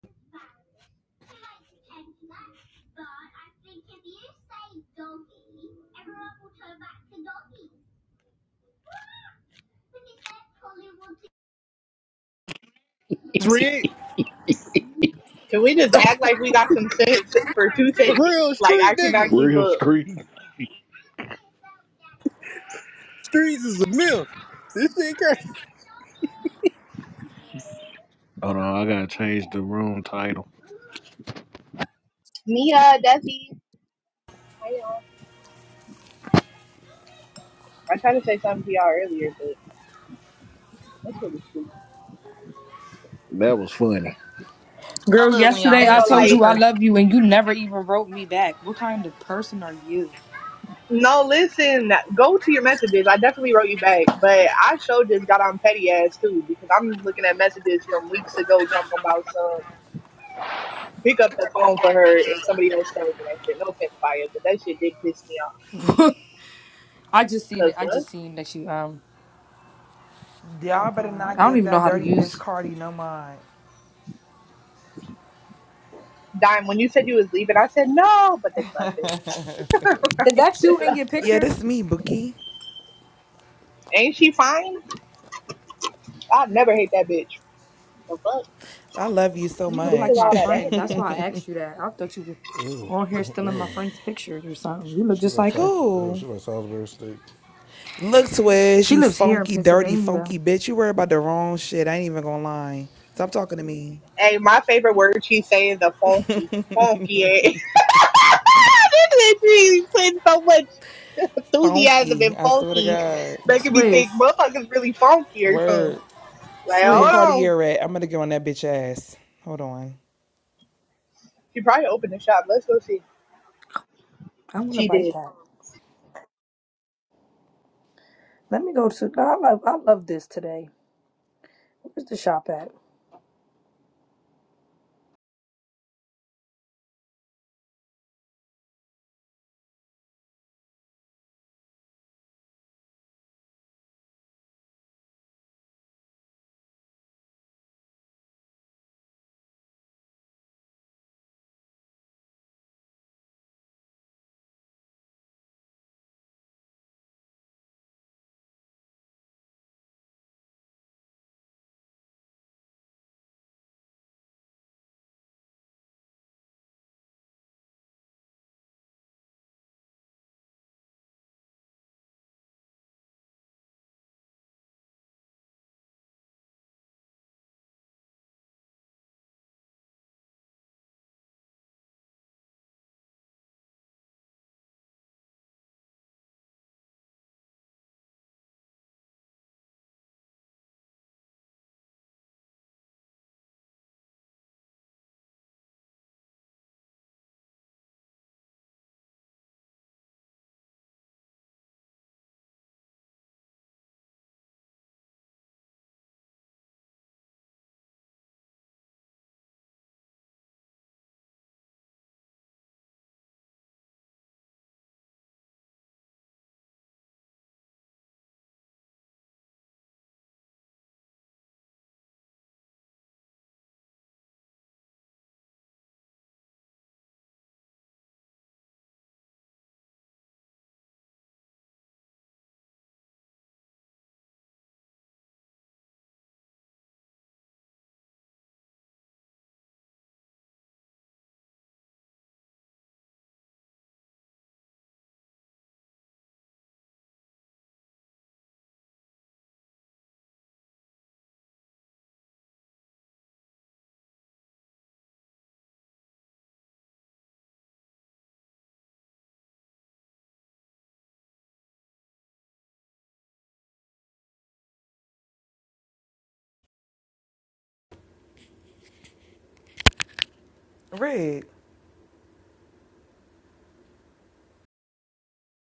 Red, Can we just act like we got some sense for two seconds? real Like I street cannot niggas. keep Real up. screeching. Streets is a myth. This shit crazy. Hold on, I gotta change the room title. Nia, Desi, how y'all? I tried to say something to y'all earlier, but that's really stupid. That was funny. I Girl, love when y'all I yesterday ain't I gonna messy told with a like. you I person. love you and you never even wrote me back. What kind of person are you? No, listen. Go to your messages. I definitely wrote you back, but I sure just got on petty ass too because I'm looking at messages from weeks ago talking about some pick up the phone for her and somebody else telling me that shit. No offense, Fire, but that shit did piss me off. I just seen Cause it. I what? just seen that you um Y'all better replied. not I don't give even know that how to dirty bitch use. Cardi no mind. Dime, when you said you was leaving, I said no, but they left Is that you in it. your Yeah, picture? that's me, Bookie. Ain't she fine? I never hate that bitch. The fuck? I love you so You look Just like cause much. my all that ass friend. she That's got. why I asked you that. I thought you were Ew, on here stealing my ew. friend's pictures or something. You look She just like like Sa- her. ew, she Who? like Salisbury steak. Look, Swizz, She you lives here in funky, dirty, Pennsylvania. funky bitch. You worry about the wrong shit. I ain't even gonna lie. Stop talking to me. Hey, my favorite word she say is a funky. Funky ass. this bitch be putting so much enthusiasm Funky, and I swear to funky God. making me think Swiss, motherfuckers really funky or something. Word. Like, What hold Swiss. on. Cartier at? I'm gonna get on that bitch ass. Hold on. She probably opened the shop. Let's go see. I'm gonna She bite did. that. Let me go to. I love. I love this today. Where's the shop at? Red.